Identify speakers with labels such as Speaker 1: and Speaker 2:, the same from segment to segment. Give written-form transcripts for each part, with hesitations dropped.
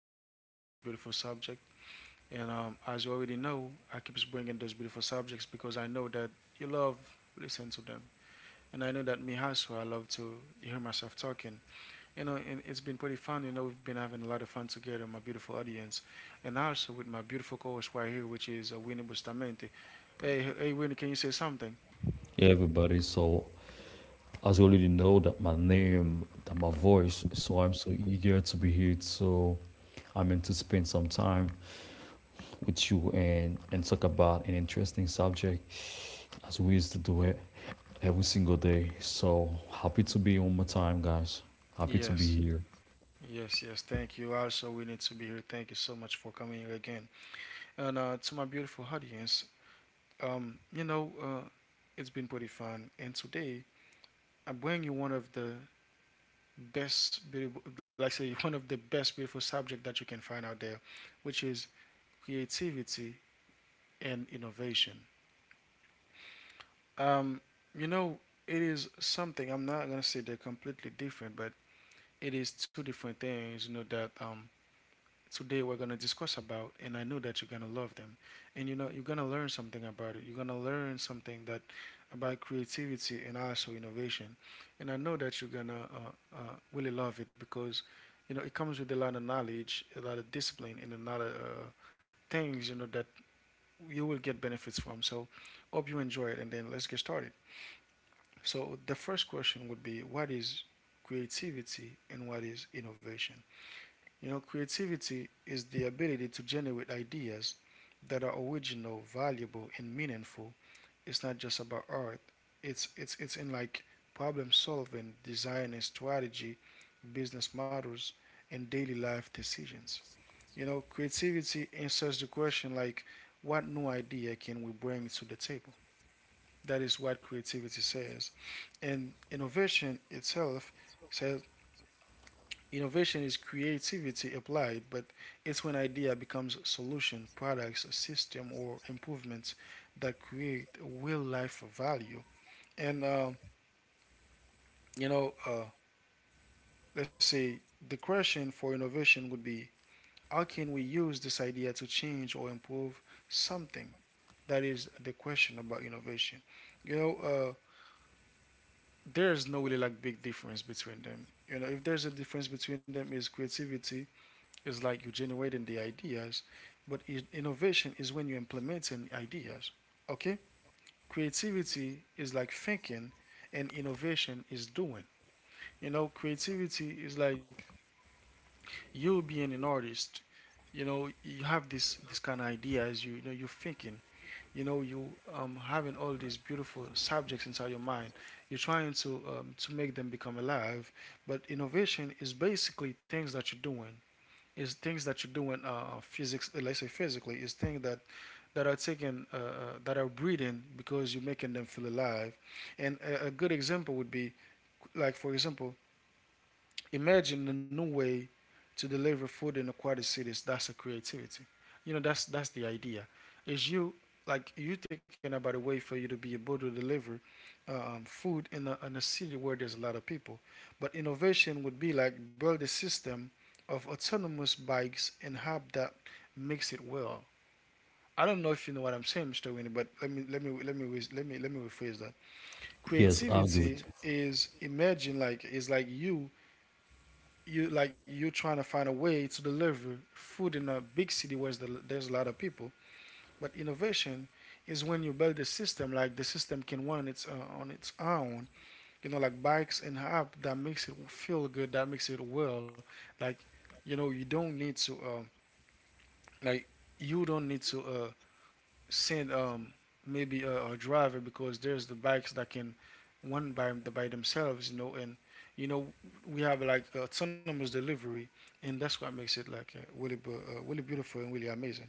Speaker 1: with another beautiful subject. And As you already know, I keep bringing those beautiful subjects because I know that you love listening to them. And I know that me also, I love to hear myself talking. You know, and it's been pretty fun. You know, we've been having a lot of fun together, my beautiful audience. And also with my beautiful co-host right here, which is Winnie Bustamante. Hey, hey, Winnie, can you say something?
Speaker 2: Everybody. So, as you already know, that my name, that my voice, so I'm so eager to be here. So, I'm meant to spend some time with you and talk about an interesting subject as we used to do it every single day. So happy to be one more time, guys. Happy to be
Speaker 1: Yes,
Speaker 2: here.
Speaker 1: yes, yes. Thank you. Also, Winnie, to be here. Thank you so much for coming here again. And to my beautiful audience, um, you know, uh, it's been pretty fun. And today, I bring you one of the best beautiful, like I say, one of the best beautiful subject that you can find out there, which is creativity and innovation. Um, you know, it is something. I'm not gonna say they're completely different, but it is two different things. You know that today we're going to discuss about, and I know that you're going to love them. And you know you're going to learn something about it. You're going to learn something that, about creativity and also innovation. And I know that you're going to really love it because you know it comes with a lot of knowledge, a lot of discipline, and a lot of things, you know, that you will get benefits from. So hope you enjoy it, and then let's get started. So the first question would be, what is creativity and what is innovation? You know, creativity is the ability to generate ideas that are original, valuable, and meaningful. It's not just about art. It's in like problem solving, design and strategy, business models, and daily life decisions. You know, creativity answers the question like, what new idea can we bring to the table? That is what creativity says. And innovation itself says, innovation is creativity applied, but it's when idea becomes solution, products, system, or improvements that create real life value. And you know, uh, let's say the question for innovation would be, how can we use this idea to change or improve something? That is the question about innovation. You know, uh, there is no really like big difference between them. You know, if there's a difference between them, is creativity is like you generating the ideas, but innovation is when you implementing ideas. Okay? Creativity is like thinking, and innovation is doing. You know, creativity is like you being an artist. You know, you have this kind of ideas. You know, you're thinking. You know, you having all these beautiful subjects inside your mind. You're trying to make them become alive. But innovation is basically things that you're doing. Is things that you're doing, physics, let's say physically, is things that are taking that are breathing because you're making them feel alive. And a good example would be, like for example, imagine the new way to deliver food in aquatic cities. That's a creativity. You know, that's the idea. Is you like you thinking about a way for you to be able to deliver food in in a city where there's a lot of people. But innovation would be like build a system of autonomous bikes and have that makes it well. I don't know if you know what I'm saying, Mr. Winnie, but let me let me let me let me let me rephrase that.
Speaker 2: Yes, I good.
Speaker 1: Creativity is imagine like is like you like you trying to find a way to deliver food in a big city where there's a lot of people. But innovation is when you build a system, like the system can run on its own, you know, like bikes and app that makes it feel good, that makes it well. Like, you know, you don't need to, like, you don't need to send maybe a driver because there's the bikes that can run by themselves, you know. And you know, we have like autonomous delivery, and that's what makes it like really, really beautiful and really amazing.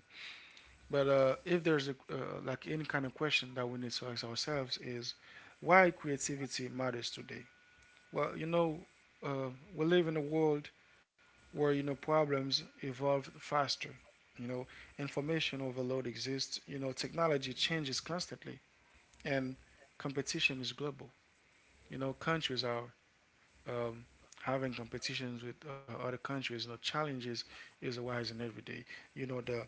Speaker 1: But if there's like any kind of question that we need to ask ourselves is, why creativity matters today. Well, you know, we live in a world where you know problems evolve faster. You know, information overload exists. You know, technology changes constantly, and competition is global. You know, countries are um, having competitions with other countries. You know, challenges is arising every day. You know, the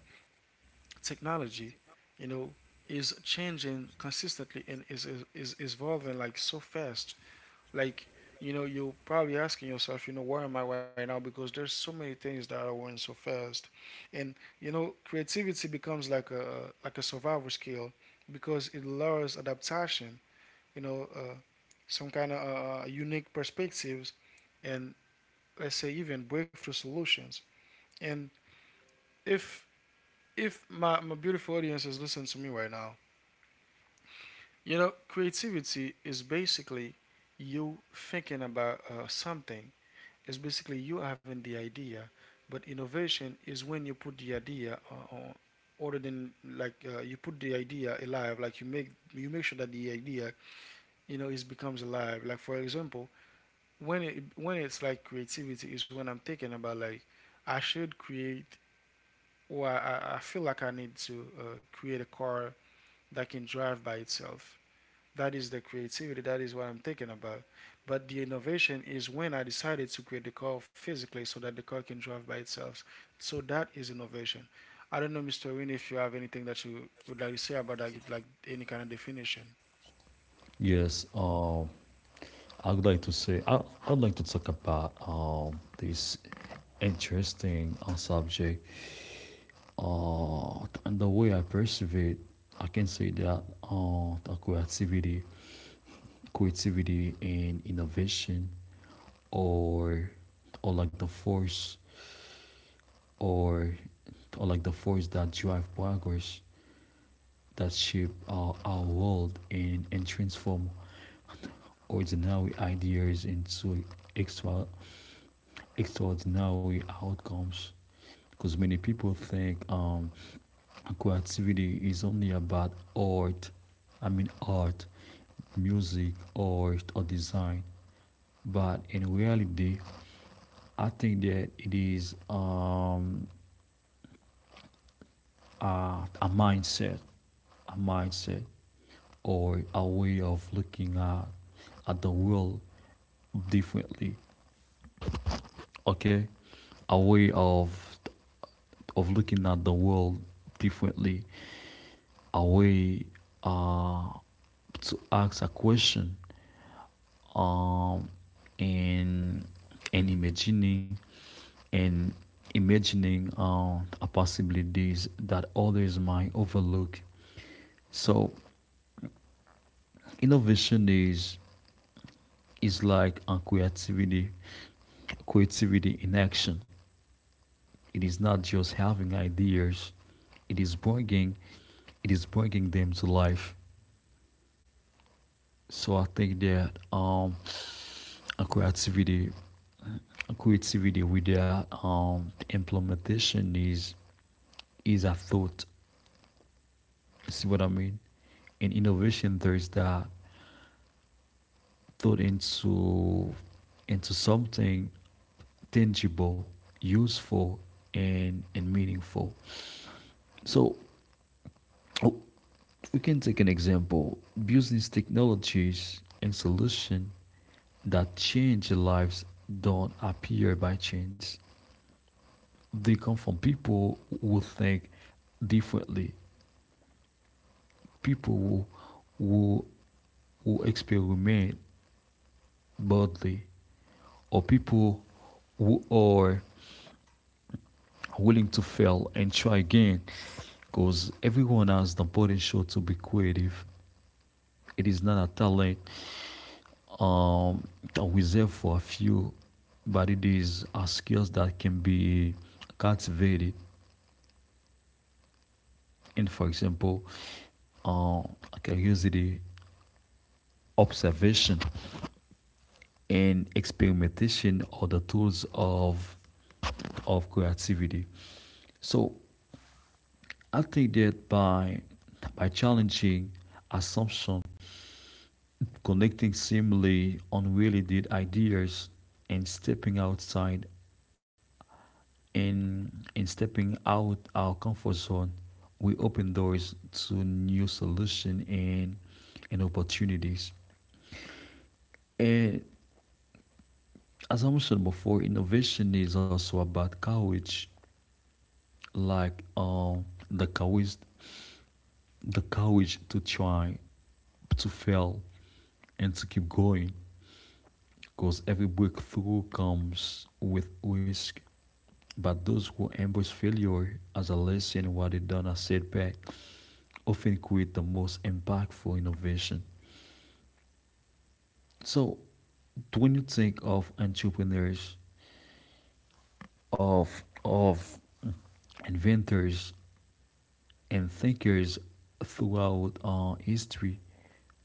Speaker 1: technology, you know, is changing consistently and is evolving like so fast. Like, you know, you're probably asking yourself, you know, where am I right now? Because there's so many things that are going so fast, and you know, creativity becomes like a survival skill because it allows adaptation. You know, some kind of unique perspectives, and let's say even breakthrough solutions. And if if my, my beautiful audience is listening to me right now, you know, creativity is basically you thinking about something, is basically you having the idea, but innovation is when you put the idea on, other than like you put the idea alive, like you make sure that the idea you know is becomes alive. Like for example, when it when it's like creativity is when I'm thinking about like I should create or feel like I need to create a car that can drive by itself. That is the creativity. That is what I'm thinking about. But the innovation is when I decided to create the car physically so that the car can drive by itself. So that is innovation. I don't know, Mr. Win, if you have anything that you would like to say about that, you'd like any kind of definition.
Speaker 2: Yes, I would like to say I'd like to talk about this interesting subject uh, and the way I perceive it, I can say that creativity and innovation, or or like the force, or that drive progress, that shape our world and transform ordinary ideas into extra extraordinary outcomes. Because many people think creativity is only about art, I mean, art, music, art, or design, but in reality I think that it is, a mindset, a mindset or a way of looking at the world differently. Okay, a way of looking at the world differently, a way uh, to ask a question, um and and and imagining possibilities that others might overlook. So innovation is like a, creativity in action. It is not just having ideas, it is bringing it is bringing them to life. So I think that akoi creativity, akoi activity with their implementation is a thought. See what I mean? In innovation, there is that thought into something tangible, useful, and meaningful. So, oh, we can take an example: business technologies and solution that change lives don't appear by chance. They come from people who think differently, people who, who experiment boldly, or people who are willing to fail and try again. Because everyone has the potential to be creative. It is not a talent um, reserved for a few, but it is a skill that can be cultivated. And for example, uh, curiosity, observation, and experimentation are the tools of creativity. So I think that by challenging assumption, connecting seemingly unrelated ideas, and stepping out our comfort zone, we open doors to new solutions and opportunities. And assumption before innovation is also about courage, like the courage, the courage, to try, to fail, and to keep going. Because every breakthrough comes with risk. But those who embrace failure as a lesson what they done as setback often create the most impactful innovation. So, when you think of entrepreneurs, of inventors, and thinkers throughout our history.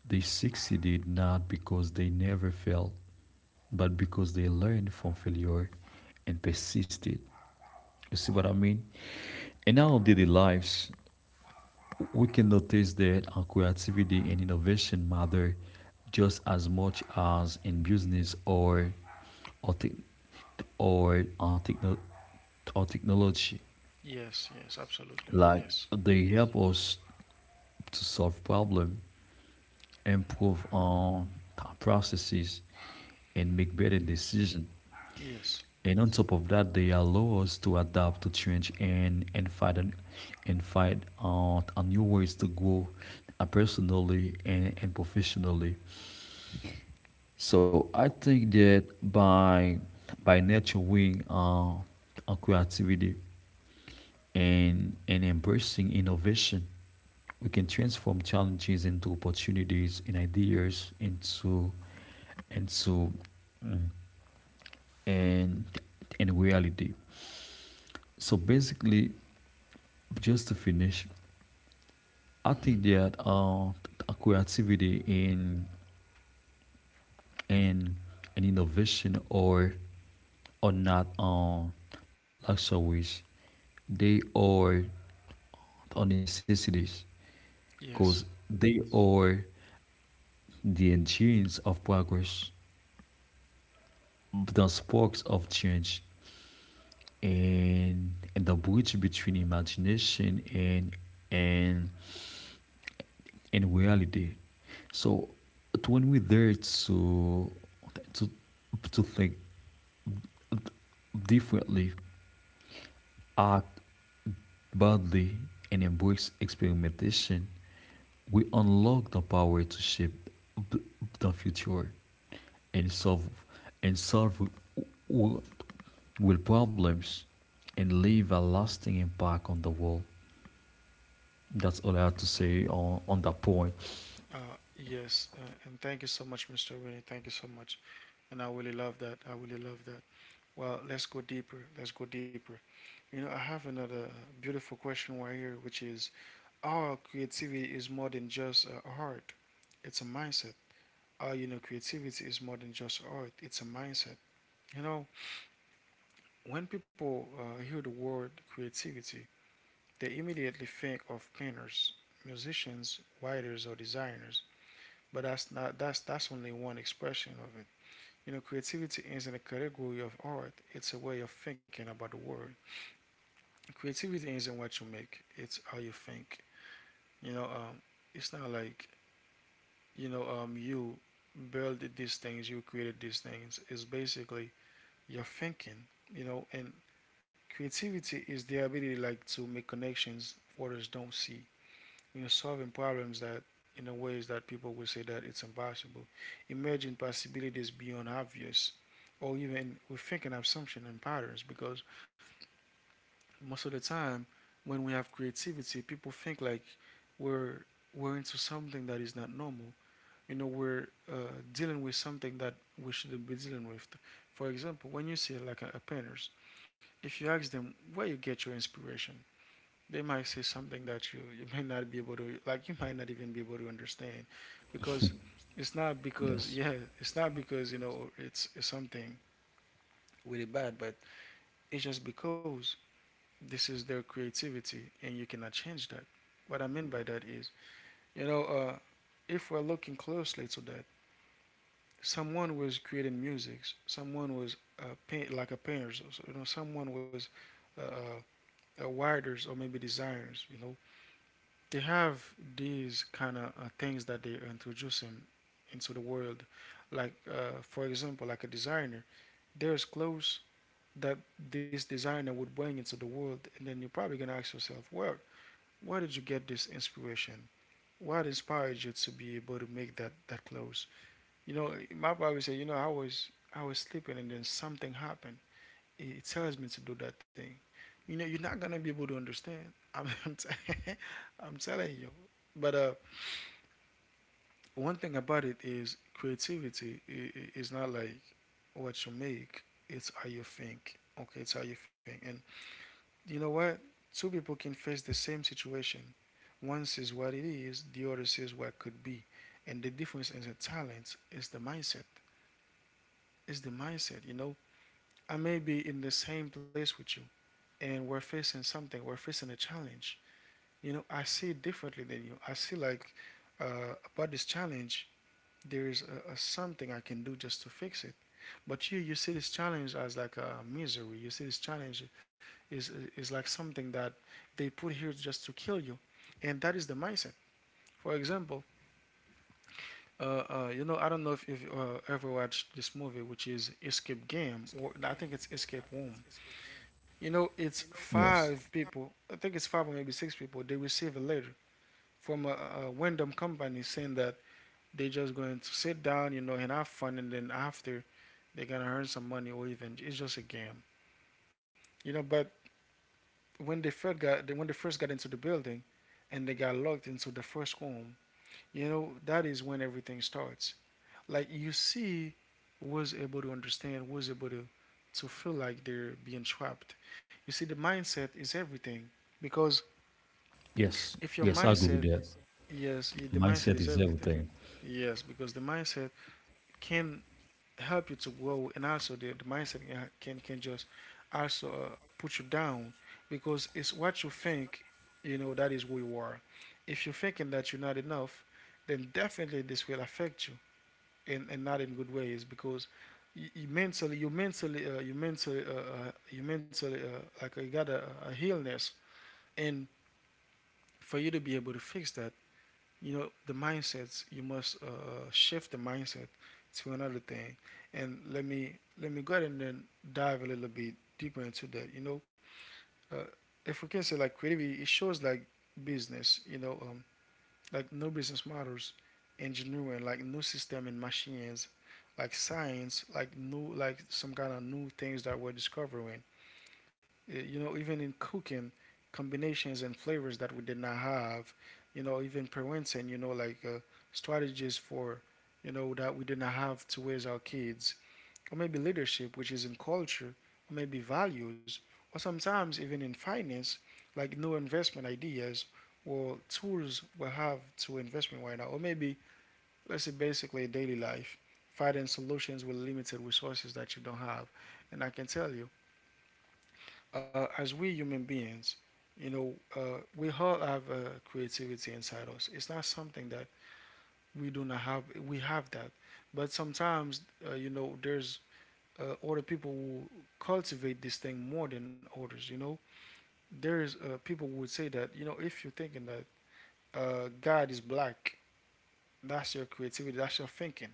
Speaker 2: They succeeded not because they never failed, but because they learned from failure and persisted. You see what I mean? In our daily lives, we can notice that our creativity and innovation matter just as much as in business, or, tech, or our technology.
Speaker 1: Yes, yes, absolutely.
Speaker 2: Like
Speaker 1: Yes.
Speaker 2: they help us to solve problem, improve on our processes, and make better decisions.
Speaker 1: Yes.
Speaker 2: And on top of that, they allow us to adapt to change and and find out a new ways to grow, personally and professionally. So I think that by nurturing our creativity, and embracing innovation, we can transform challenges into opportunities and ideas into mm, and and reality. So basically, just to finish, I
Speaker 1: Hmm.
Speaker 2: think that creativity and and innovation or not luxuries, they are necessities, because
Speaker 1: Yes.
Speaker 2: they are the endurance of progress, the sparks of change, and the bridge between imagination and and reality. So when we dare to to think differently, act boldly, and embrace experimentation, we unlock the power to shape the future and solve and solve will problems, and leave a lasting impact on the world. That's all I have to say on that point.
Speaker 1: Yes. And thank you so much, Mr. Winnie. Thank you so much. And I really love that. I really love that. Well, let's go deeper. Let's go deeper. You know, I have another beautiful question right here, which is, our creativity is more than just art, it's a mindset. Our, you know, creativity is more than just art, it's a mindset. You know, when people hear the word creativity, they immediately think of painters, musicians, writers, or designers. But that's not that's that's only one expression of it. You know, creativity isn't a category of art; it's a way of thinking about the world. Creativity isn't what you make; it's how you think. You know, it's not like you know you build these things, you created these things. It's basically your thinking. You know, and creativity is the ability like to make connections others don't see. You know, solving problems that in a ways that people will say that it's impossible. Imagine possibilities beyond obvious, or even we're thinking assumption and patterns, because most of the time when we have creativity, people think like we're we're into something that is not normal. You know, we're dealing with something that we shouldn't be dealing with. For example, when you see like a painters, if you ask them where you get your inspiration, they might say something that you might not be able to like you might not even be able to understand, because
Speaker 2: Yes,
Speaker 1: it's not because yeah it's not because you know it's something really bad, but it's just because this is their creativity and you cannot change that. What I mean by that is, you know, if we're looking closely to that, someone was creating music, someone was paint, like a painter, so, so, you know, someone was uh, uh, a writers or maybe designers, you know, they have these kind of things that they introduce him into the world, like for example like a designer, there's clothes that this designer would bring into the world, and then you're probably gonna ask yourself, well, where did you get this inspiration? What inspired you to be able to make that that close? You know, my brother said, you know, I was sleeping and then something happened. It tells me to do that thing. You know, you're not gonna be able to understand. I'm I'm, t- I'm telling you. But one thing about it is creativity is not like what you make. It's how you think. Okay, it's how you think. And you know what? Two people can face the same situation. One says what it is, the other says what could be. And the difference in the talent, is the mindset. It's the mindset, you know. I may be in the same place with you and we're facing something, we're facing a challenge. You know, I see it differently than you. I see like about this challenge, there is a something I can do just to fix it. But you see this challenge as like a misery. You see this challenge is is like something that they put here just to kill you, and that is the mindset. For example, Uh, I don't know if you've ever watched this movie, which is Escape Game, or I think it's Escape Room. You know, it's five people, I think it's five or maybe six people, they receive a letter from a random company saying that they're just going to sit down, you know, and have fun, and then after they're gonna earn some money or even it's just a game, you know. But when they first got into the building and they got locked into the first room, you know, that is when everything starts. Like you see, was able to feel like they're being trapped. You see the mindset is everything, because
Speaker 2: yes,
Speaker 1: if your
Speaker 2: yes, I agree with
Speaker 1: mindset,
Speaker 2: that.
Speaker 1: yes, the mindset
Speaker 2: Mindset
Speaker 1: is
Speaker 2: is
Speaker 1: everything.
Speaker 2: everything.
Speaker 1: Yes, because the mindset can help you to grow, and also the mindset can just also put you down, because it's what you think. You know, that is who you are. If you're thinking that you're not enough, then definitely this will affect you, and not in good ways, because you mentally you mentally you mentally you mentally like you got a illness, and for you to be able to fix that, you know, the mindsets, you must shift the mindset to another thing. And let me go ahead and then dive a little bit deeper into that, you know. uh, if we can say like creativity, it shows like business, you know, like new business models, engineering, like new system and machines, like science, like new, like some kind of new things that we're discovering. You know, even in cooking, combinations and flavors that we did not have. You know, even parenting. You know, like strategies for, you know, that we did not have to raise our kids, or maybe leadership, which is in culture, or maybe values, or sometimes even in finance, like new investment ideas or tools we'll have to investment right now, or maybe let's say basically daily life, finding solutions with limited resources that you don't have. And I can tell you, as we human beings, you know, we all have creativity inside us. It's not something that we do not have. We have that, but sometimes, you know, there's older people will cultivate this thing more than others. You know, there's people who would say that, you know, if you're thinking that God is black, that's your creativity, that's your thinking.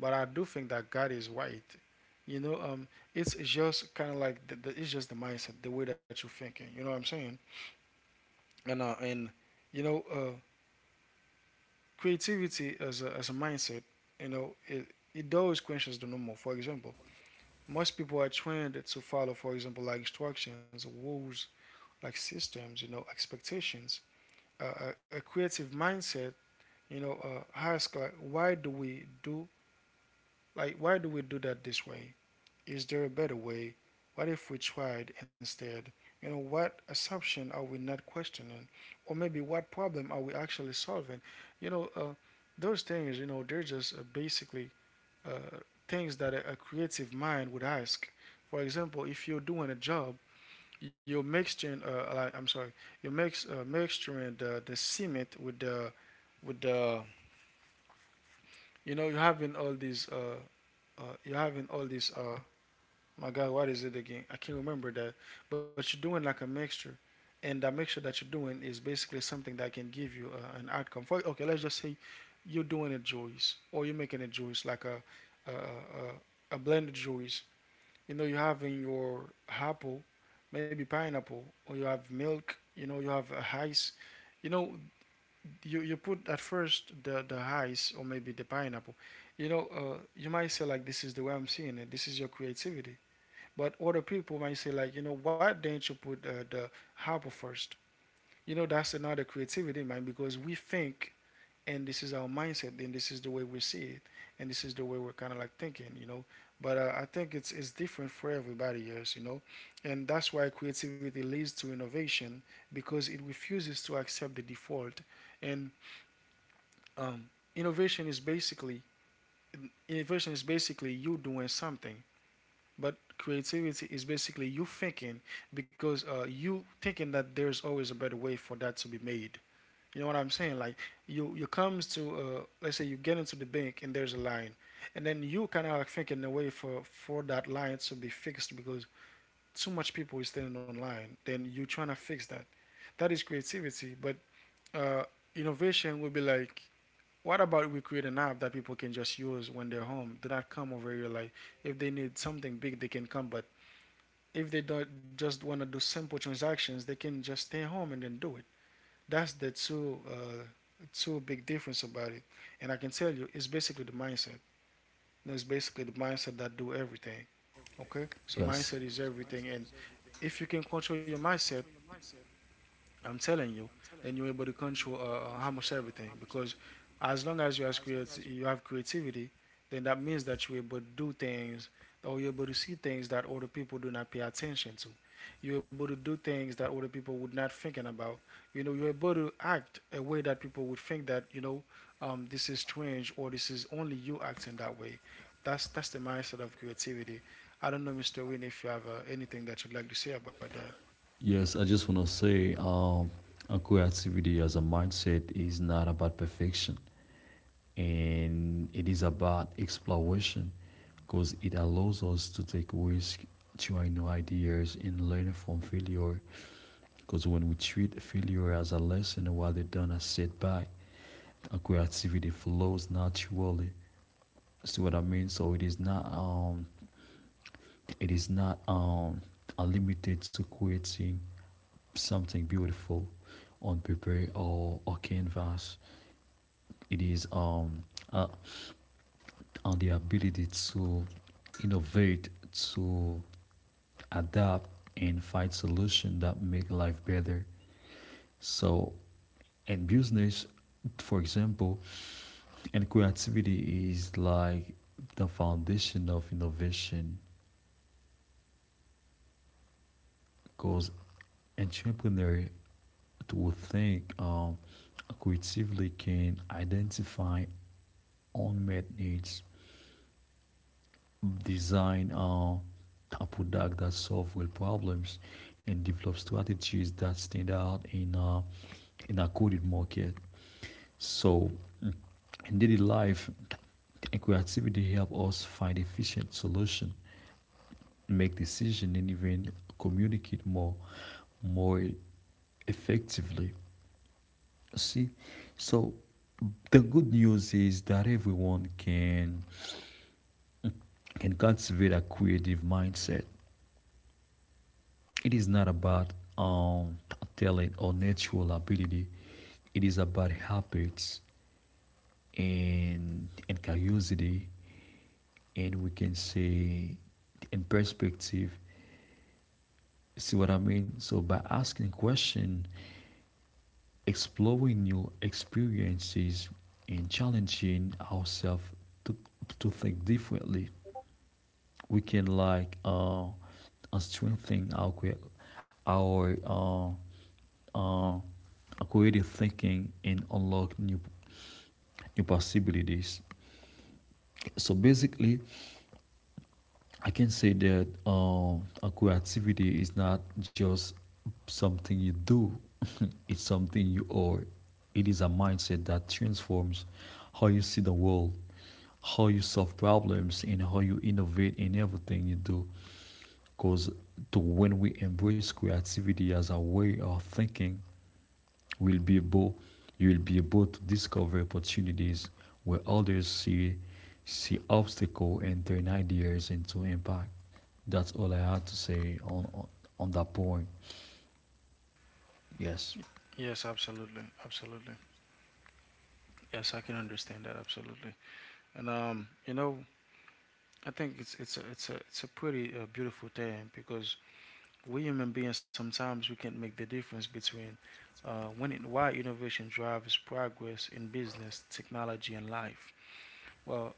Speaker 1: But I do think that God is white. You know, it's just kind of like it's just the mindset, the way that you're thinking. You know what I'm saying? And you know, creativity as as a mindset, you know, it does questions the normal. For example, most people are trained to follow, for example, like instructions, rules, like systems, you know, expectations. A creative mindset, you know, ask like, why do we do, why do we do that this way? Is there a better way? What if we tried instead? You know, what assumption are we not questioning, or maybe what problem are we actually solving? You know, those things, you know, they're just basically uh, things that a creative mind would ask. For example, if you're doing a job, you're mixing like, I'm sorry, you mix mixturing the cement with the with the, you know, you're having all these uh you're having all these uh my God, what is it again, I can't remember that. But you're doing like a mixture, and that mixture that you're doing is basically something that can give you an outcome for, okay, let's just say you're doing a juice, or you're making a juice like a blended juice. You know, you have in your apple, maybe pineapple, or you have milk, you know, you have ice. You know, you put at first the ice, or maybe the pineapple. You know, you might say like, this is the way I'm seeing it, this is your creativity. But other people might say like, you know, why didn't you put the apple first? You know, that's another creativity, man, because we think, and this is our mindset, and this is the way we see it, and this is the way we're kind of like thinking, you know. But I think it's different for everybody else, you know. And that's why creativity leads to innovation, because it refuses to accept the default. And um, innovation is basically, you doing something, but creativity is basically you thinking, because you thinking that there's always a better way for that to be made. You know what I'm saying? Like, you comes to let's say you get into the bank and there's a line, and then you kind of like thinking a way for that line to be fixed, because too much people is standing on line. Then you trying to fix that. That is creativity. But uh, innovation would be like, what about we create an app that people can just use when they're home? Do not come over here. Like, if they need something big, they can come. But if they don't just want to do simple transactions, they can just stay home and then do it. That's the two two big difference about it. And I can tell you, it's basically the mindset. It's basically the mindset that do everything. Okay, so
Speaker 2: Yes,
Speaker 1: mindset is everything, and if you can control your mindset, I'm telling you, then you're able to control almost everything, because as long as you have you have creativity, then that means that you're able to do things, or you're able to see things that other people do not pay attention to. You're able to do things that other people would not thinking about. You know, you're able to act a way that people would think that, you know, this is strange, or this is only you acting that way. That's the mindset of creativity. I don't know, Mr. Win, if you have anything that you'd like to say about that.
Speaker 2: yes, I just want to say, creativity as a mindset is not about perfection, and it is about exploration, because it allows us to take risks, try new ideas, and learn from failure. Because when we treat failure as a lesson rather than a setback, our creativity flows naturally. See what I mean? So it is not limited to creating something beautiful on paper, or canvas. It is, uh, on the ability to innovate, to adapt, and find solutions that make life better. So in business, for example, and creativity is like the foundation of innovation because entrepreneur to think creatively can identify unmet needs, design a product that solve real problems, and develop strategies that stand out in a coded market. So in daily life, creativity help us find efficient solution, make decision, and even communicate more effectively. See? So the good news is that everyone can cultivate a creative mindset. It is not about um, talent or natural ability, it is about habits and curiosity, and we can say in perspective. See what I mean? So by asking question, exploring new experiences, and challenging ourselves to, to think differently, we can like, strengthen our uh, creative thinking and unlock new possibilities. So basically, I can say that, creativity is not just something you do, it's something you are. It is a mindset that transforms how you see the world, how you solve problems, and how you innovate in everything you do. Because to when we embrace creativity as a way of thinking, we'll be able, you will be able to discover opportunities where others see obstacle, and turn ideas into impact. That's all I had to say on on that point. Yes,
Speaker 1: Yes, absolutely, absolutely. Yes, I can understand that absolutely. And you know, I think it's a pretty beautiful thing, because we human beings, sometimes we can make the difference between when and why innovation drives progress in business, technology, and life. Well,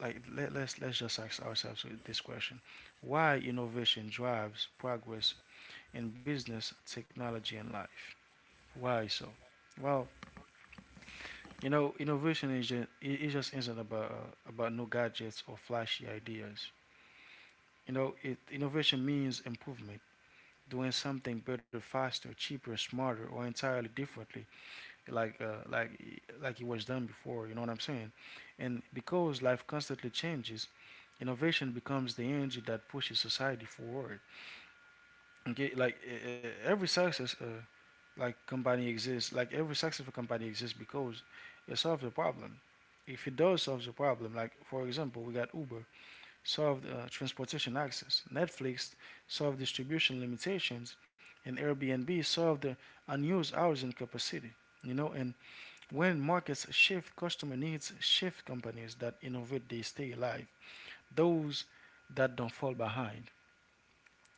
Speaker 1: like let's just ask ourselves this question: why innovation drives progress in business, technology, and life? Why so? Well, you know, innovation is just, it just isn't about new gadgets or flashy ideas. You know, it innovation means improvement, doing something better, faster, cheaper, smarter, or entirely differently, like like it was done before. You know what I'm saying? And because life constantly changes, innovation becomes the engine that pushes society forward. Okay, like every success, like company exists. Like every successful company exists because it solves a problem. If it does solve the problem, like for example, we got Uber solved transportation access, Netflix solved distribution limitations, and Airbnb solved the unused hours in capacity. You know, and when markets shift, customer needs shift. Companies that innovate, they stay alive. Those that don't fall behind.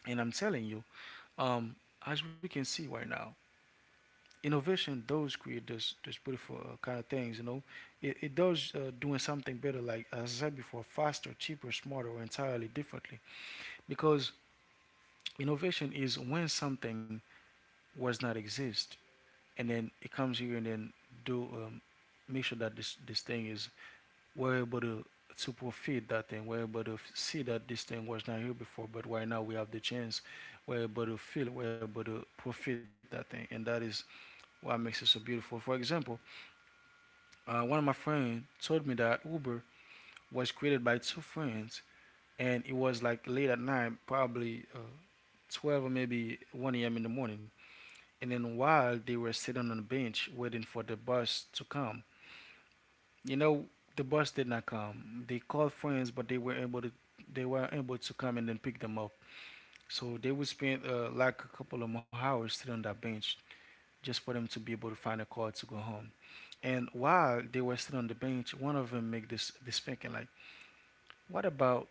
Speaker 1: And I'm telling you, um, as we can see right now, innovation does create this beautiful kind of things. You know, it does doing something better, like as I said before, faster, cheaper, smarter, or entirely differently. Because innovation is when something was not exist, and then it comes here and then do, make sure that this thing is, we're able to profit that thing. We're able to see that this thing was not here before, but right now we have the chance. We're able to feel. We're able to profit that thing, and that is what makes it so beautiful. For example, one of my friends told me that Uber was created by two friends, and it was like late at night, probably 12 or maybe 1 a.m. in the morning. And then while they were sitting on the bench waiting for the bus to come, you know, the bus did not come. They called friends, but they were able to come and then pick them up. So they would spend like a couple of more hours sitting on that bench just for them to be able to find a car to go home. And while they were still on the bench, one of them make this thinking like, what about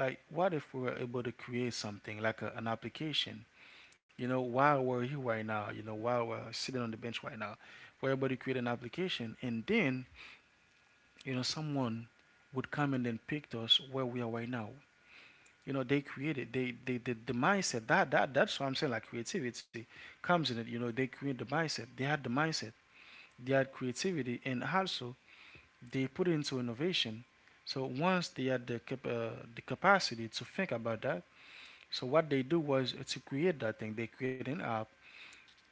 Speaker 1: like what if we were able to create something like an application? You know, while we're here right now, you know, while we're sitting on the bench right now, we're able to create an application, and then you know someone would come and then picked us where we are right now. You know, they created they the mindset that that's why I'm saying like creativity comes in it. You know, they create the mindset. They had the mindset. They had creativity, and also they put it into innovation. So once they had the the capacity to think about that, so what they do was to create that thing. They create an app.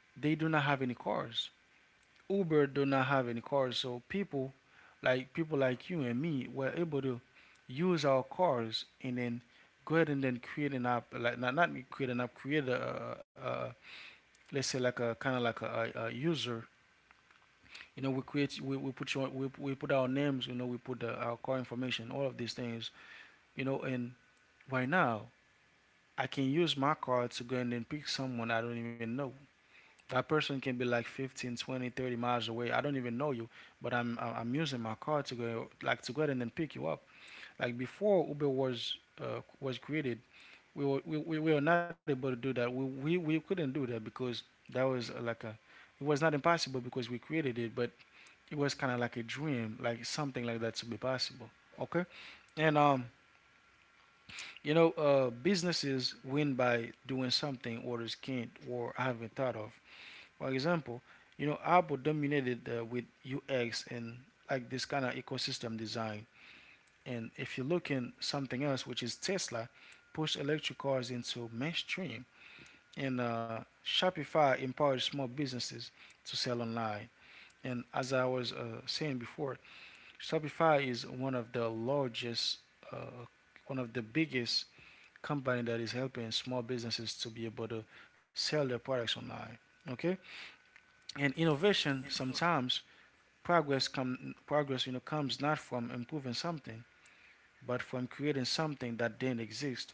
Speaker 1: They do not have any cars. Uber do not have any cars. So people like you and me were able to use our cars and then go ahead and then create an app, like not create an app, create a let's say like a kind of like user. You know we put we put our names, you know, we put our car information, all of these things, you know. And right now I can use my car to go and then pick someone I don't even know. That person can be like 15, 20, 30 miles away. I don't even know you, but I'm using my car to go, like to go ahead and then pick you up. Like before Uber was created, we, we were not able to do that. We we couldn't do that because that was like a, it was not impossible because we created it, but it was kind of like a dream, like something like that to be possible. Okay, and you know, businesses win by doing something others can't or haven't thought of. For example, you know, Apple dominated with UX and like this kind of ecosystem design. And if you look in something else, which is Tesla, pushed electric cars into mainstream, and Shopify empowered small businesses to sell online. And as I was saying before, Shopify is one of the largest, uh, one of the biggest company that is helping small businesses to be able to sell their products online. Okay, and innovation sometimes progress you know, comes not from improving something, but from creating something that didn't exist.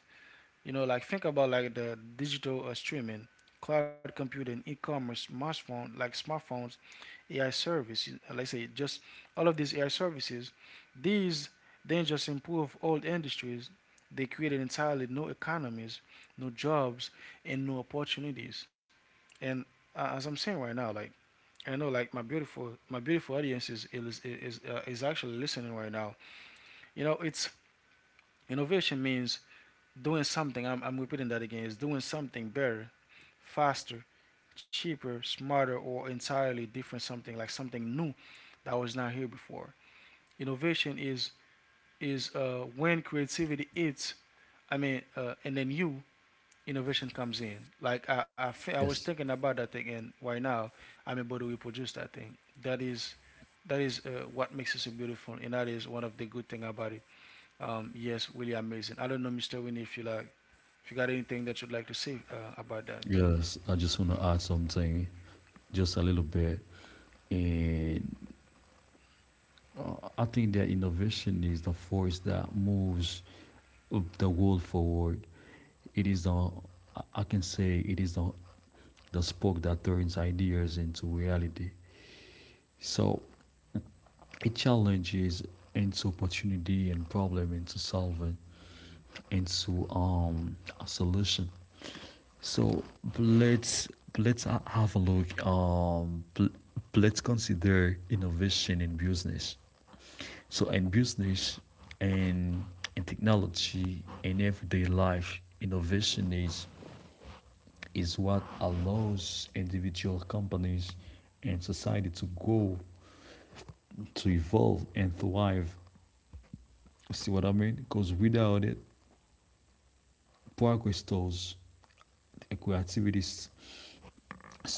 Speaker 1: You know, like think about like the digital streaming, cloud computing, e-commerce, smartphones AI services, like I say, just all of these AI services, these then just improve old industries. They created entirely new economies, new jobs, and new opportunities. And as I'm saying right now, like I know, like my beautiful audience is actually listening right now. You know, it's innovation means doing something. I'm repeating that again. It's doing something better, faster, cheaper, smarter, or entirely different, something like something new that was not here before. Innovation is when creativity eats. I mean, and then you innovation comes in. Like I was
Speaker 2: yes,
Speaker 1: thinking about that thing, and right now I'm able to reproduce that thing. That is what makes it so beautiful, and that is one of the good thing about it. Yes, really amazing. I don't know, Mr. Winnie, if you like, if you got anything that you'd like to say about that.
Speaker 2: yes. I just want to add something, just a little bit, and I think that innovation is the force that moves the world forward. It is the I can say it is the spark that turns ideas into reality. So it challenges into opportunity, and problem into solving, into a solution. So let's, have a look. Let's consider innovation in business. So in business, and in technology, and everyday life, innovation is what allows individual companies and society to grow, to evolve, and thrive. See what I mean? Because without it, progress stalls, creativity stagnates,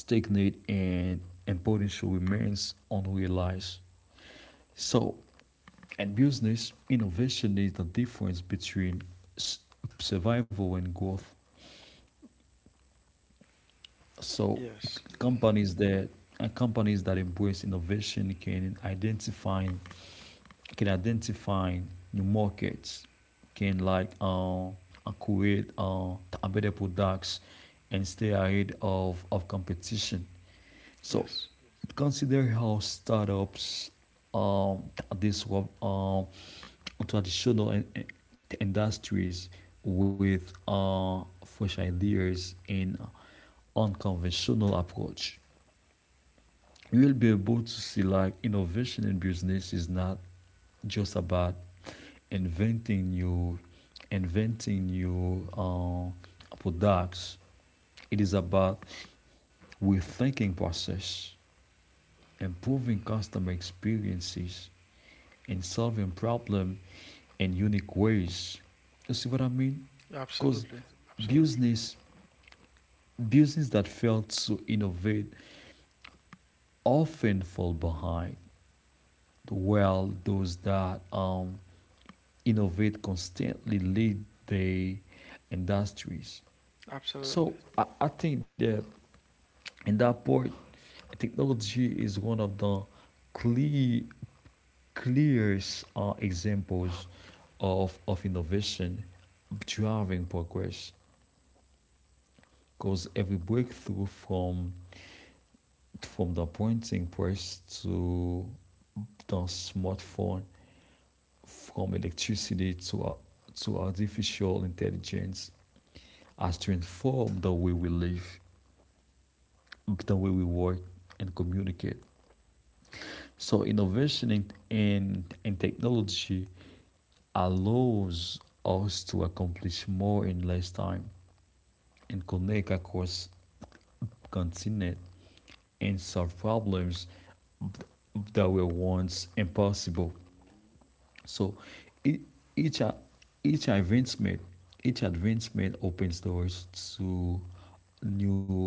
Speaker 2: and and potential remains unrealized. So, in business, innovation is the difference between survival and growth. So
Speaker 1: Yes,
Speaker 2: companies that companies that embrace innovation can identify new markets, can like, create better products, and stay ahead of competition. So
Speaker 1: yes,
Speaker 2: consider how startups um, disrupt traditional industries with fresh ideas and unconventional approach. You will be able to see like innovation in business is not just about inventing new inventing new products. It is about rethinking process, improving customer experiences, and solving problem in unique ways. You see what I mean? Because
Speaker 1: absolutely, absolutely.
Speaker 2: business business that fail to innovate often fall behind, while those that innovate constantly lead their industries.
Speaker 1: Absolutely.
Speaker 2: So I think that in that part, technology is one of the clear, clearest examples of innovation driving progress, because every breakthrough, from the printing press to the smartphone, from electricity to artificial intelligence, as to inform the way we live, the way we work, and communicate. So innovation in technology allows us to accomplish more in less time, and connect across continent, and solve problems that were once impossible. So, e- each a- each advancement each advancement opens doors to new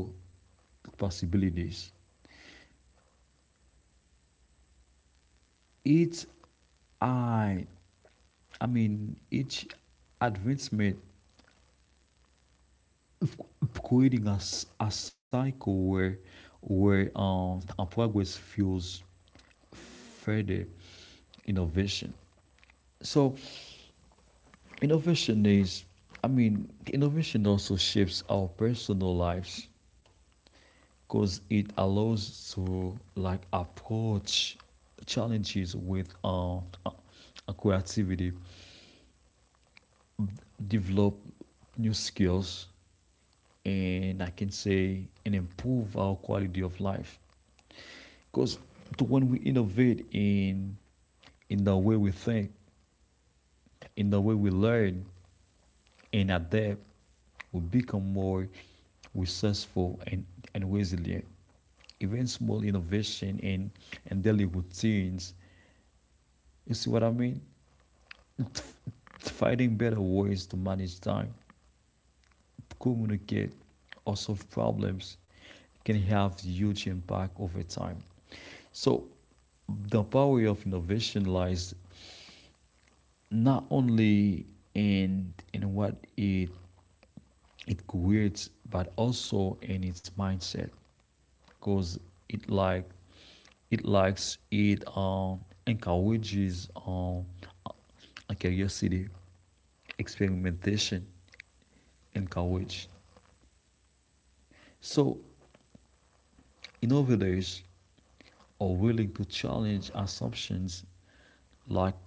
Speaker 2: possibilities. Each I, I mean, each advancement creating a cycle where a progress fuels further innovation. So innovation is, I mean, innovation also shapes our personal lives, because it allows to like approach challenges with, creativity, develop new skills, and I can say and improve our quality of life. Because when we innovate in the way we think, in the way we learn and adapt, we become more resourceful and resilient. Even small innovation in and daily routines. You see what I mean? Finding better ways to manage time, communicate, or solve problems can have huge impact over time. So the power of innovation lies not only in what it creates, but also in its mindset, because it like it likes it encourages curiosity, experimentation, and courage. So innovators are willing to challenge assumptions, like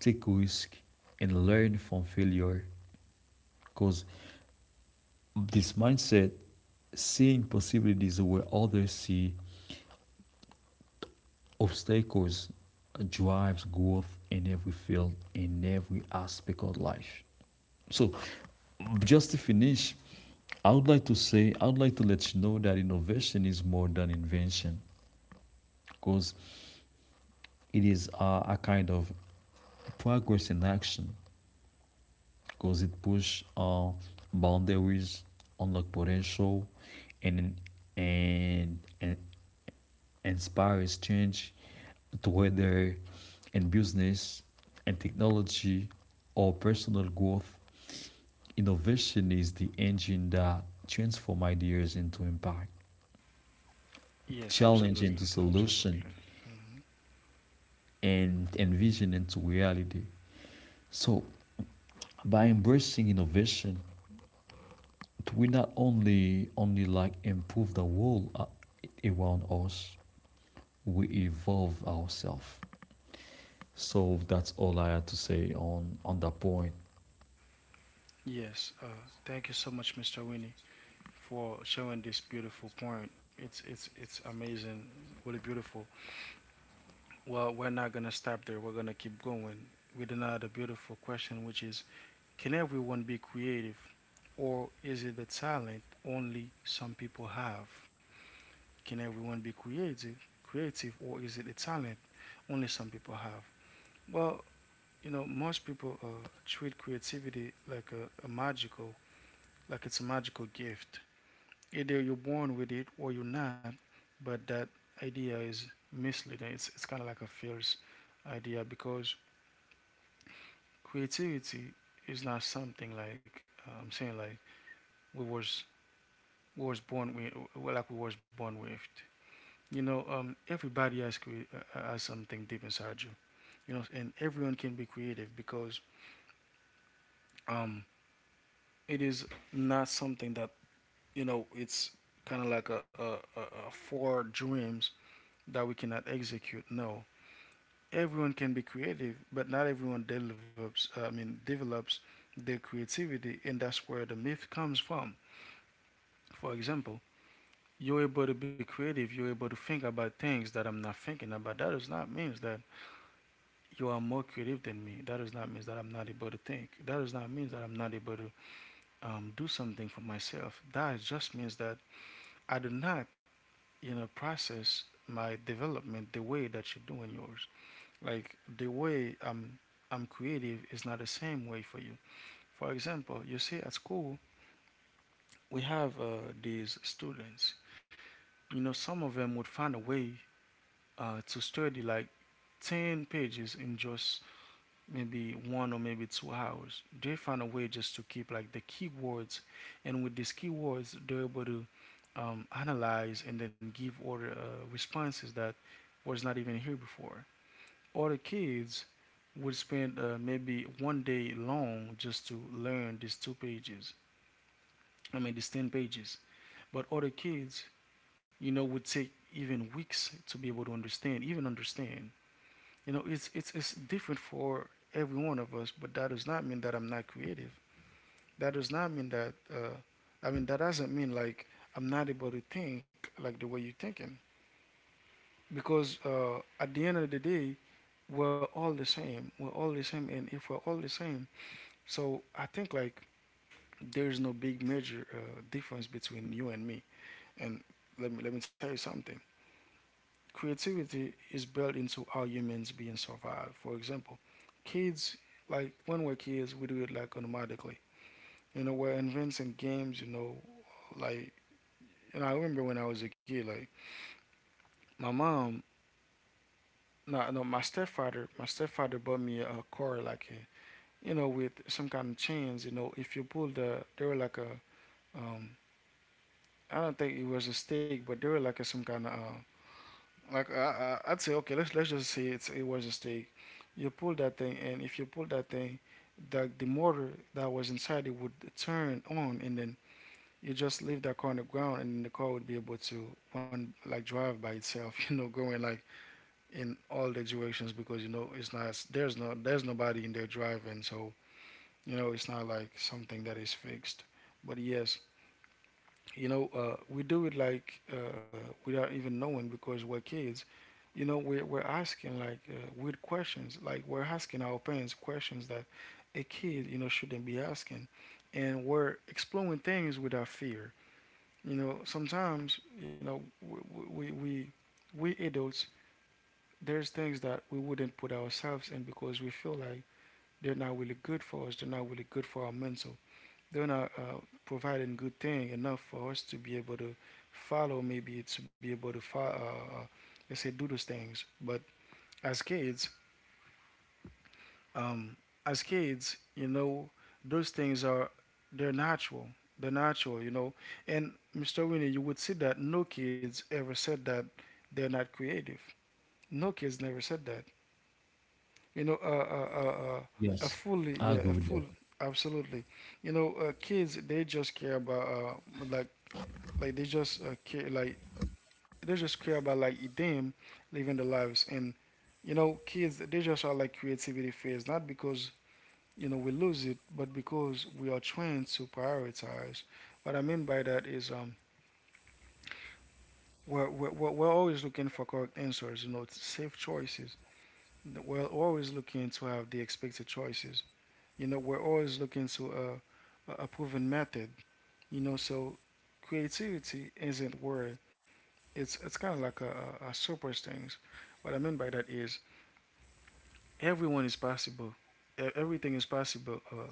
Speaker 2: take risk, and learn from failure, because this mindset, seeing possibilities where others see obstacles, drives growth in every field, in every aspect of life. So, just to finish, I would like to say, I would like to let you know that innovation is more than invention, because it is a kind of progress in action, because it push boundaries, unlock potential, and and inspires change, to whether in business and technology or personal growth. Innovation is the engine that transforms ideas into impact,
Speaker 1: Yes,
Speaker 2: challenge into
Speaker 1: absolutely.
Speaker 2: solution,
Speaker 1: Absolutely.
Speaker 2: and envision into reality. So by embracing innovation, we not only like improve the world around us, we evolve ourselves. So that's all I had to say on that point.
Speaker 1: Yes. Thank you so much, Mr. Winnie, for showing this beautiful point. It's amazing. Really beautiful. Well, we're not gonna stop there. We're gonna keep going with another beautiful question, which is: can everyone be creative, or is it a talent only some people have? Can everyone be creative, or is it a talent only some people have? Well, you know, most people treat creativity like a magical, like it's a magical gift. Either you're born with it or you're not, but that idea is misleading. It's kind of like a false idea because creativity is not something like I'm saying like we was we was born with, well, like we was born with. You know, everybody has something deep inside you. You know, and everyone can be creative because um, it is not something that, you know, it's kind of like a four dreams that we cannot execute. No, everyone can be creative, but not everyone develops, I mean, develops their creativity, and that's where the myth comes from. For example, you're able to be creative. You're able to think about things that I'm not thinking about. That does not mean that you are more creative than me. That does not mean that I'm not able to think. That does not mean that I'm not able to do something for myself. That just means that I do not, you know, process my development the way that you're doing yours. Like the way I'm creative is not the same way for you. For example, you see at school we have these students. You know, some of them would find a way to study like ten pages in just maybe one or maybe 2 hours. They find a way just to keep like the keywords, and with these keywords, they're able to analyze and then give order responses that was not even here before. Or the kids would spend maybe one day long just to learn these two pages. I mean, these 10 pages. But other kids, you know, would take even weeks to be able to understand, even understand. You know, it's different for every one of us, but that does not mean that I'm not creative. That does not mean that, I mean, that doesn't mean like I'm not able to think like the way you're thinking. Because at the end of the day, we're all the same. We're all the same. And if we're all the same, so I think like there is no big major difference between you and me. And let me tell you something. Creativity is built into how humans being survive. For example, kids, like when we're kids, we do it like automatically. You know, we're inventing games. You know, like, and I remember when I was a kid, like my mom, no, no, my stepfather bought me a car like a, you know, with some kind of chains. You know, if you pull the, they were like a um I don't think it was a steak, but they were like a, some kind of like would say okay, let's just say it's it was a steak. You pull that thing, and if you pull that thing, that the motor that was inside it would turn on, and then you just leave that car on the ground, and the car would be able to one like drive by itself, you know, going like in all the directions because you know it's not, there's no there's nobody in there driving, so you know it's not like something that is fixed. But yes, we do it like, without even knowing because we're kids. We're asking like weird questions, like we're asking our parents questions that a kid shouldn't be asking, and we're exploring things without fear. You know, sometimes, you know, we adults, there's things that we wouldn't put ourselves in because we feel like they're not really good for us, they're not really good for our mental, they're not providing good thing enough for us to be able to follow, maybe to be able to follow, let's say, do those things. But as kids, um, as kids, you know, those things are, they're natural, they're natural, you know. And Mr. Winnie, you would see that no kids ever said that they're not creative. No kids never said that. you know uh, uh, uh, uh,
Speaker 2: Yes,
Speaker 1: a fully
Speaker 2: I
Speaker 1: yeah
Speaker 2: agree
Speaker 1: a
Speaker 2: with that.
Speaker 1: full, absolutely. You know, kids, they just care about, like they just care, like they just care about, like, them living their lives. And you know, kids, they just are like creativity phase, not because, you know, we lose it, but because we are trained to prioritize. What I mean by that is, um, we're always looking for correct answers, you know, safe choices. We're always looking to have the expected choices. You know, we're always looking to, a proven method, you know. So creativity isn't worth. It's kind of like a, a super things. What I mean by that is, everyone is possible. Everything is possible.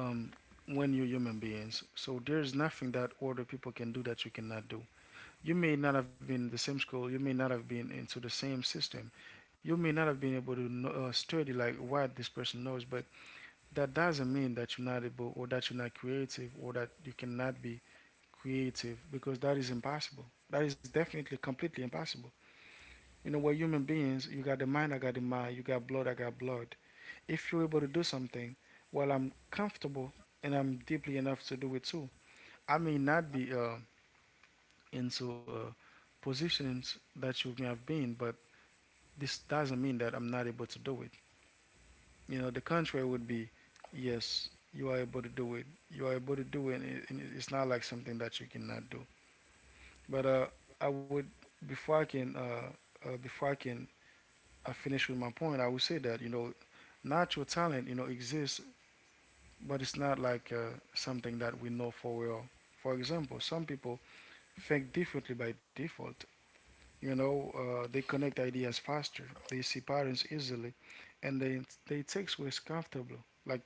Speaker 1: um, when you're human beings, so there's nothing that other people can do that you cannot do. You may not have been in the same school. You may not have been into the same system. You may not have been able to know, study like what this person knows, but that doesn't mean that you're not able, or that you're not creative, or that you cannot be creative, because that is impossible. That is definitely completely impossible. You know, we're human beings. You got the mind, I got the mind. You got blood, I got blood. If you're able to do something, well, I'm comfortable and I'm deeply enough to do it too. I may not be into positions that you may have been, but this doesn't mean that I'm not able to do it. You know, the contrary would be, yes, you are able to do it. You are able to do it, and it's not like something that you cannot do. But I would, before I can, uh, before I can, I finish with my point. I would say that, you know, natural talent, you know, exists, but it's not like, something that we know for well. For example, some people think differently by default. You know, they connect ideas faster. They see patterns easily, and they take risks comfortably. Like,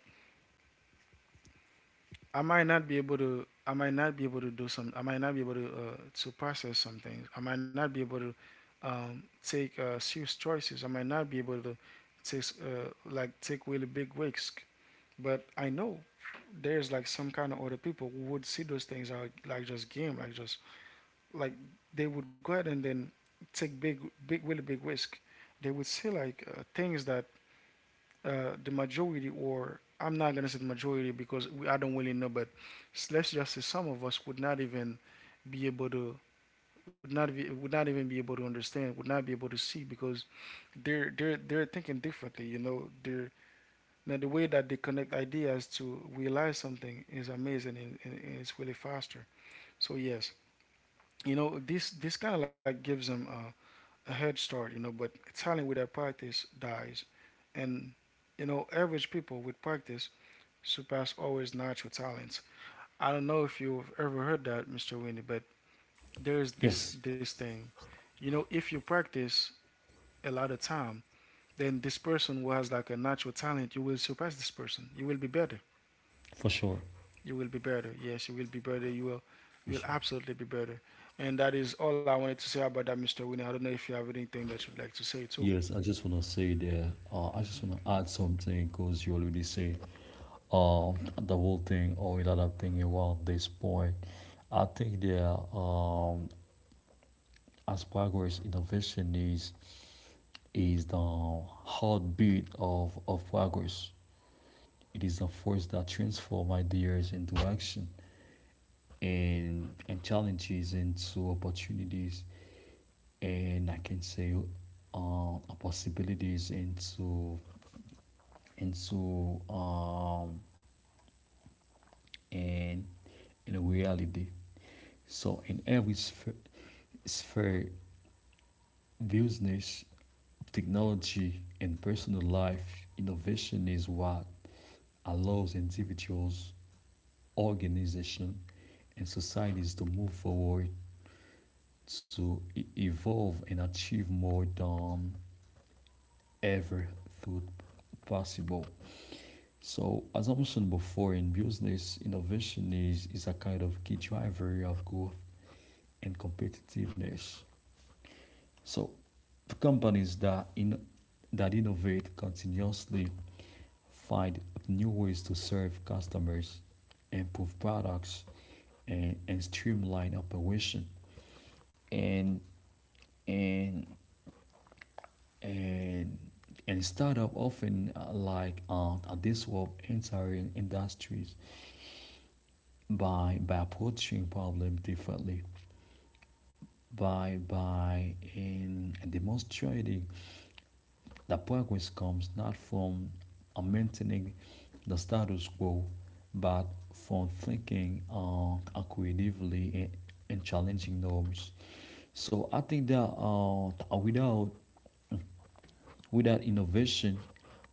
Speaker 1: I might not be able to. I might not be able to do some. I might not be able to, to process some things. I might not be able to, take serious choices. I might not be able to take, like, take really big risks. But I know there's like some kind of other people who would see those things are like just game, like just, like, they would go ahead and then take big, big, really big risk. They would see like, things that, the majority, or I'm not gonna say the majority because we, I don't really know, but let's just say some of us would not even be able to, would not be, would not even be able to understand, would not be able to see, because they're thinking differently. You know, they're, now the way that they connect ideas to realize something is amazing, and it's really faster. So yes, you know, this kind of like gives them a head start. You know, but talent without practice dies. And, you know, average people with practice surpass always natural talents. I don't know if you've ever heard that, Mr. Winnie, but there's this
Speaker 2: Yes,
Speaker 1: this thing. You know, if you practice a lot of time, then this person who has like a natural talent, you will surpass this person. You will be better.
Speaker 2: for sure.
Speaker 1: You will be better. Yes, you will be better. You will, you
Speaker 2: For
Speaker 1: will
Speaker 2: sure.
Speaker 1: absolutely be better. And that is all I wanted to say about that, Mr. Winnie. I don't know if you have anything that you'd like to say too.
Speaker 2: Yes, I just want to say that I just want to add something because you already say uh, the whole thing or a lot of thing around this point. I think that um, as progress, innovation is the heartbeat of progress. It is the force that transforms ideas into action and challenges into opportunities. And I can say possibilities into into and in a reality. So in every sphere, business, technology, and personal life, innovation is what allows individuals, organizations, and societies to move forward, to evolve, and achieve more than ever thought possible. So, as I mentioned before, in business, innovation is a kind of key driver of growth and competitiveness. So, the companies that innovate continuously find new ways to serve customers, improve products, and streamline operation. And and and and startup often like disrupt entire industries by approaching problem differently by in demonstrating that progress comes not from maintaining the status quo, but from thinking creatively and challenging norms. So I think that without innovation,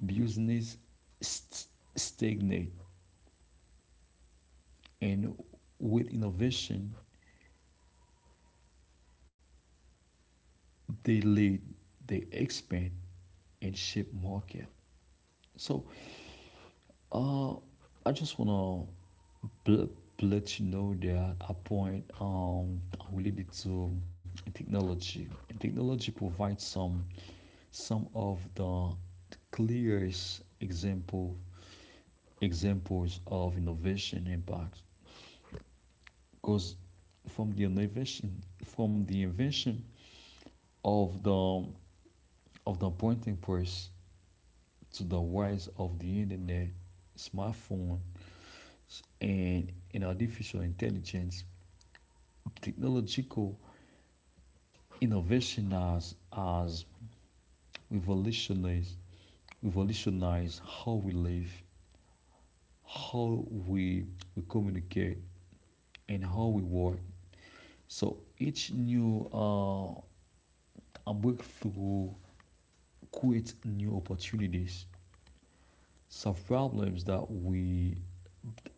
Speaker 2: business st- stagnate, and with innovation, they lead, they expand, and shape market. So Uh, I just wanna bl- let you know that a point related to technology. Technology provides some of the clearest examples of innovation impact. Because from the innovation from the invention of the printing press to the rise of the internet, smartphone, and artificial intelligence, technological innovation has revolutionized, revolutionized how we live, how we communicate, and how we work. So each new breakthrough creates new opportunities, solve problems that we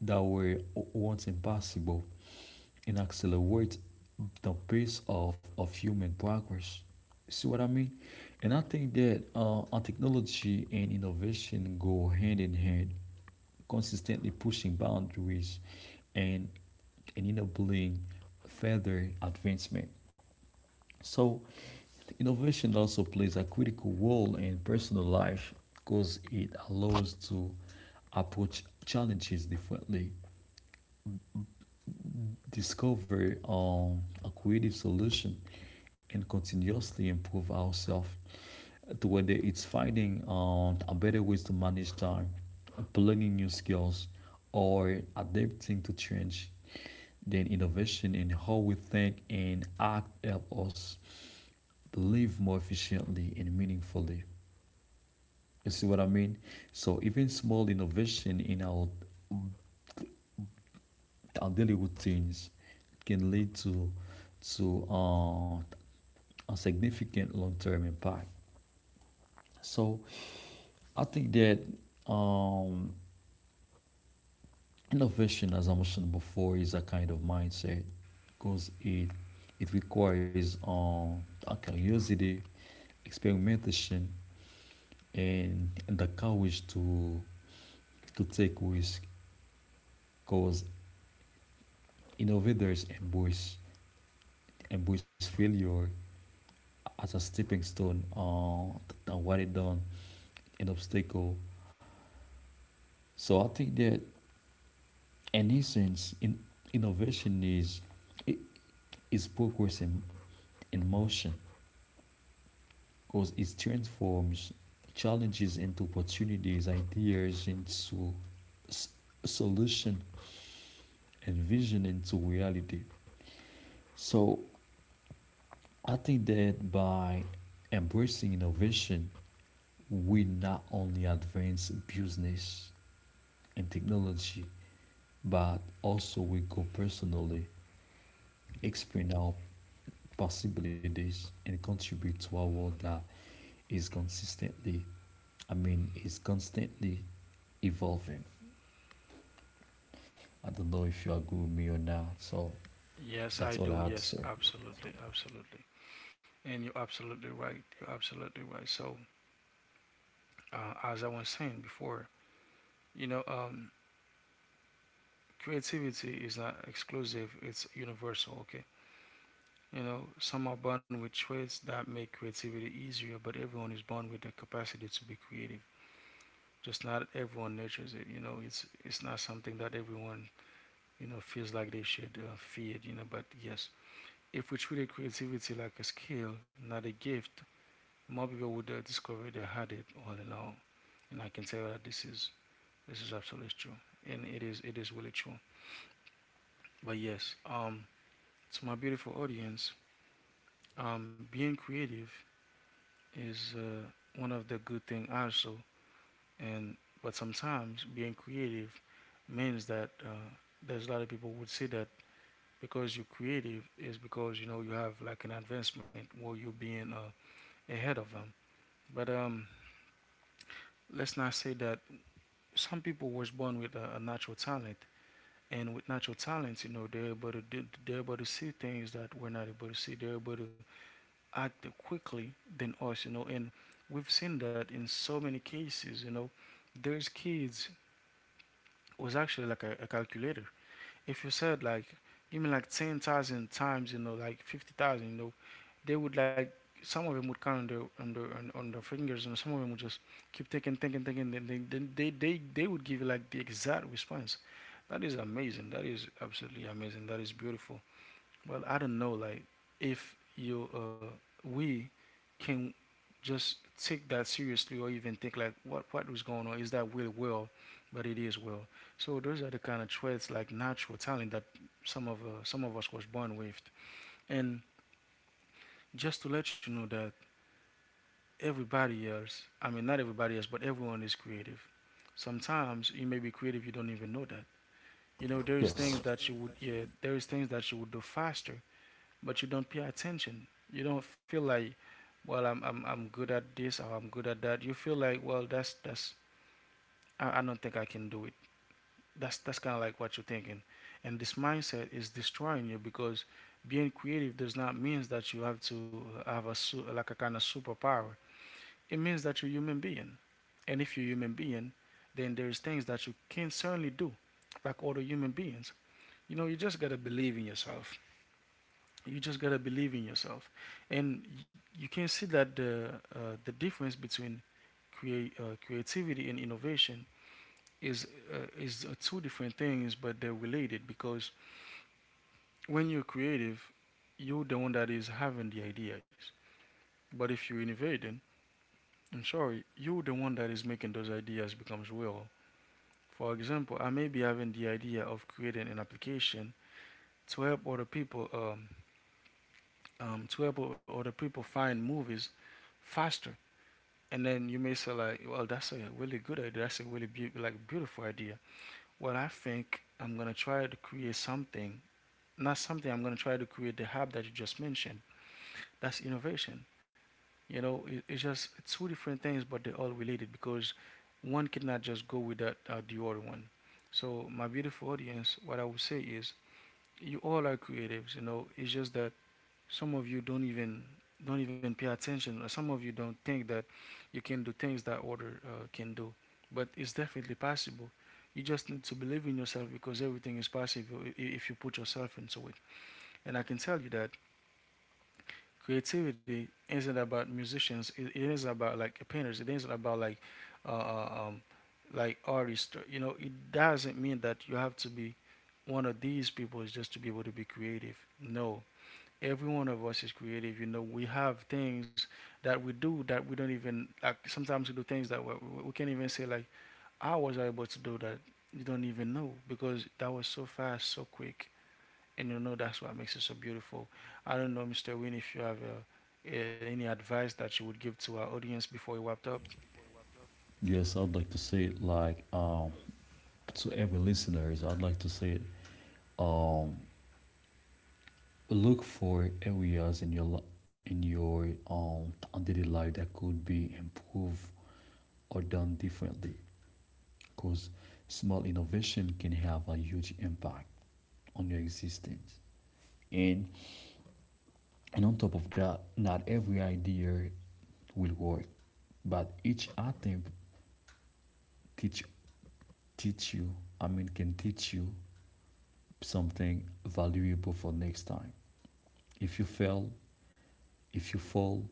Speaker 2: that were once impossible, and accelerate the pace of human progress. See what I mean? And I think that our technology and innovation go hand in hand, consistently pushing boundaries and enabling further advancement. So, innovation also plays a critical role in personal life because it allows to approach challenges differently, discover a creative solution, and continuously improve ourselves to whether it's finding a better ways to manage time, learning new skills, or adapting to change. Then innovation in how we think and act help us to live more efficiently and meaningfully. You see what I mean? So even small innovation in our daily routines can lead to a significant long-term impact. So I think that um, innovation, as I mentioned before, is a kind of mindset because it requires a curiosity, experimentation, and the courage to take risk. Because innovators embrace failure as a stepping stone to what water down an obstacle. So I think that in essence, innovation is i- is progress in motion. Because it transforms challenges into opportunities, ideas into s- solution, and vision into reality. So I think that by embracing innovation, we not only advance business and technology, but also we go personally, expand our possibilities, and contribute to a world that is is constantly evolving. I don't know if you agree with me or not. So
Speaker 1: Yes,
Speaker 2: that's
Speaker 1: I
Speaker 2: all I
Speaker 1: do.
Speaker 2: had to
Speaker 1: Yes,
Speaker 2: say.
Speaker 1: absolutely, absolutely. And you're absolutely right. You're absolutely right. So, as I was saying before, you know, creativity is not exclusive, it's universal, okay? You know, some are born with traits that make creativity easier, but everyone is born with the capacity to be creative. Just not everyone nurtures it, you know. It's not something that everyone, you know, feels like they should feed, you know. But yes, if we treated creativity like a skill, not a gift, more people would discover they had it all along. And I can tell that this is, this is absolutely true, and it is, it is really true. But yes, to my beautiful audience, being creative is, one of the good thing also. And but sometimes being creative means that, there's a lot of people would say that, because you're creative is because, you know, you have like an advancement, or you're being, ahead of them. But let's not say that some people was born with a natural talent. And with natural talents, you know, they're able to do, they're able to see things that we're not able to see. They're able to act quickly than us, you know. And we've seen that in so many cases, you know, there's kids was actually like a calculator. If you said like even like 10,000 times, you know, like 50,000, you know, they would like, some of them would count on their on their on their fingers, and some of them would just keep thinking, thinking, thinking. Then they, then they would give you like the exact response. That is amazing. That is absolutely amazing. That is beautiful. Well, I don't know, like, if you we can just take that seriously, or even think like, what was going on, is that really well, but it is well. So those are the kind of traits like natural talent that, some of us was born with. And just to let you know that everybody else, I mean not everybody else, but everyone is creative. Sometimes you may be creative, you don't even know that. You know, there is things
Speaker 2: Yes.
Speaker 1: that you would, yeah, there is things that you would do faster, but you don't pay attention. You don't feel like, well, I'm good at this or I'm good at that. You feel like, well, that's, I don't think I can do it. That's kind of like what you're thinking, and this mindset is destroying you, because being creative does not mean that you have to have a like a kind of superpower. It means that you're a human being, and if you're a human being, then there's things that you can certainly do, like other human beings. You know, you just gotta believe in yourself. You just gotta believe in yourself. And you can see that the difference between create creativity and innovation is, two different things, but they're related. Because when you're creative, you're the one that is having the ideas. But if you're innovating, I'm sorry, you're the one that is making those ideas becomes real. For example, I may be having the idea of creating an application to help other people, to help other people find movies faster. And then you may say like, well, that's a really good idea. That's a really like beautiful idea. Well, I think I'm gonna try to create something, not something, I'm gonna try to create the hub that you just mentioned. That's innovation. You know, it's just two different things, but they're all related, because one cannot just go without the other one. So, my beautiful audience, what I would say is, you all are creatives. You know, it's just that some of you don't even, don't even pay attention. Or some of you don't think that you can do things that order, can do, but it's definitely possible. You just need to believe in yourself, because everything is possible if you put yourself into it. And I can tell you that creativity isn't about musicians, it isn't about like painters, it isn't about like, uh, uh, um, like artists. You know, it doesn't mean that you have to be one of these people is just to be able to be creative. No, every one of us is creative. You know, we have things that we do that we don't even like. Sometimes we do things that we can't even say like, "How was I able to do that?" You don't even know, because that was so fast, so quick, and you know that's what makes it so beautiful. I don't know, Mr. Win, if you have any advice that you would give to our audience before we wrapped up.
Speaker 2: Yes, I'd like to say it like to every listeners, I'd like to say it um look for areas in your in your daily life that could be improved or done differently because small innovation can have a huge impact on your existence. And on top of that, not every idea will work, but each attempt teach teach can teach you something valuable for next time. If you fail, if you fall,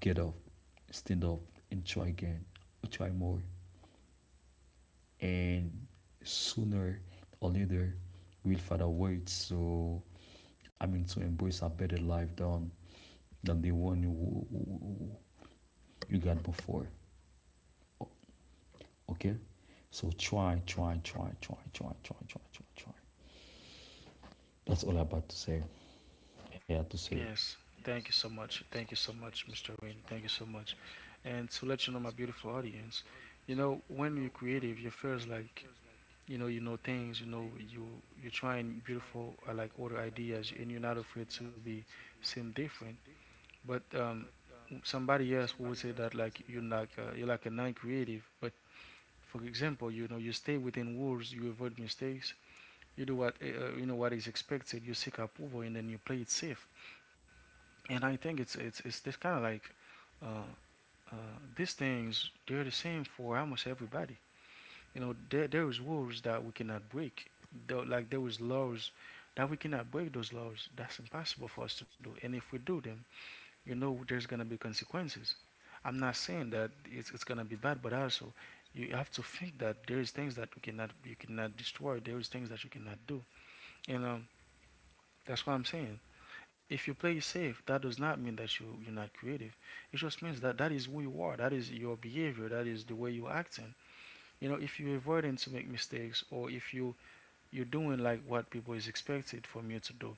Speaker 2: get up, stand up, and try again, try more. And sooner or later, we'll find a way. So, I mean, to embrace a better life than the one you got before. Okay? So try, try, try, try, try, try, try, try, try. That's all I about to say. I had to say.
Speaker 1: Yes, thank you so much. Thank you so much, Mr. Win. Thank you so much. And to let you know, my beautiful audience, you know, when you're creative, you feels like you know things, you know you're trying beautiful, like other ideas, and you're not afraid to be seem different. But somebody else would say that like you're like, you're like a non-creative. But for example, you know, you stay within rules, you avoid mistakes, you do what, you know, what is expected, you seek approval, and then you play it safe. And I think it's this kind of like, uh uh these things, they're the same for almost everybody. You know, there is rules that we cannot break. Though, like there is laws that we cannot break those laws. That's impossible for us to do. And if we do them, you know, there's gonna be consequences. I'm not saying that it's gonna be bad, but also you have to think that there is things that you cannot destroy. There is things that you cannot do. You know, that's what I'm saying. If you play safe, that does not mean that you're not creative. It just means that that is who you are. That is your behavior. That is the way you're acting. You know, if you're avoiding to make mistakes, or if you're doing like what people is expected from you to do.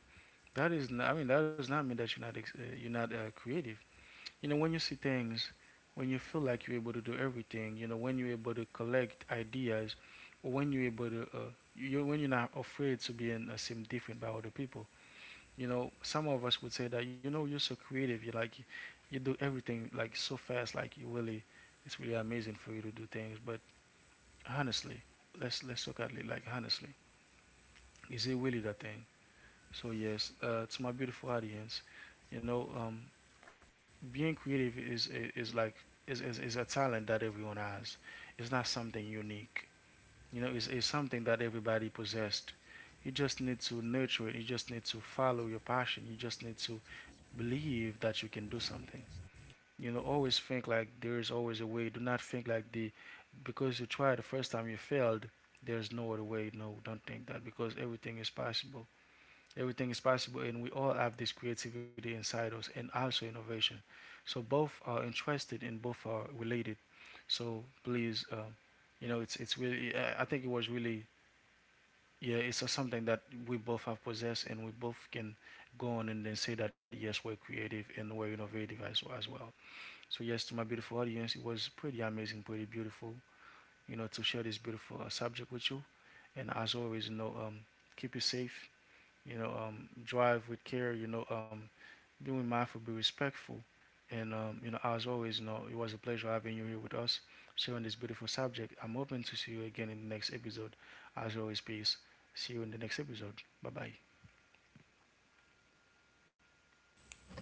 Speaker 1: That is, not, I mean, that does not mean that you're not you're not, creative. You know, when you see things, when you feel like you're able to do everything, you know, when you're able to collect ideas, or when you're able to, you when you're not afraid to be and, seem different by other people. You know, some of us would say that, you know, you're so creative. You like, you do everything like so fast. Like you really, it's really amazing for you to do things. But honestly, let's look at it like honestly. Is it really that thing? So yes, to my beautiful audience, you know, being creative is like is, is a talent that everyone has. It's not something unique. You know, it's something that everybody possessed. You just need to nurture it. You just need to follow your passion. You just need to believe that you can do something. You know, always think like there is always a way. Do not think like the because you tried the first time you failed. There's no other way. No, don't think that, because everything is possible. Everything is possible, and we all have this creativity inside us and also innovation. So both are interested and both are related. So please, you know, it's really. I think it was really. Yeah, it's, something that we both have possessed, and we both can go on and then say that yes, we're creative and we're innovative as well. So yes, to my beautiful audience, it was pretty amazing, pretty beautiful, you know, to share this beautiful, subject with you. And as always, you know, keep you safe, you know, drive with care, you know, being mindful, be respectful. And, you know, as always, you know, it was a pleasure having you here with us, sharing this beautiful subject. I'm hoping to see you again in the next episode. As always, peace. See you in the next episode. Bye bye.
Speaker 2: Bye bye, everyone.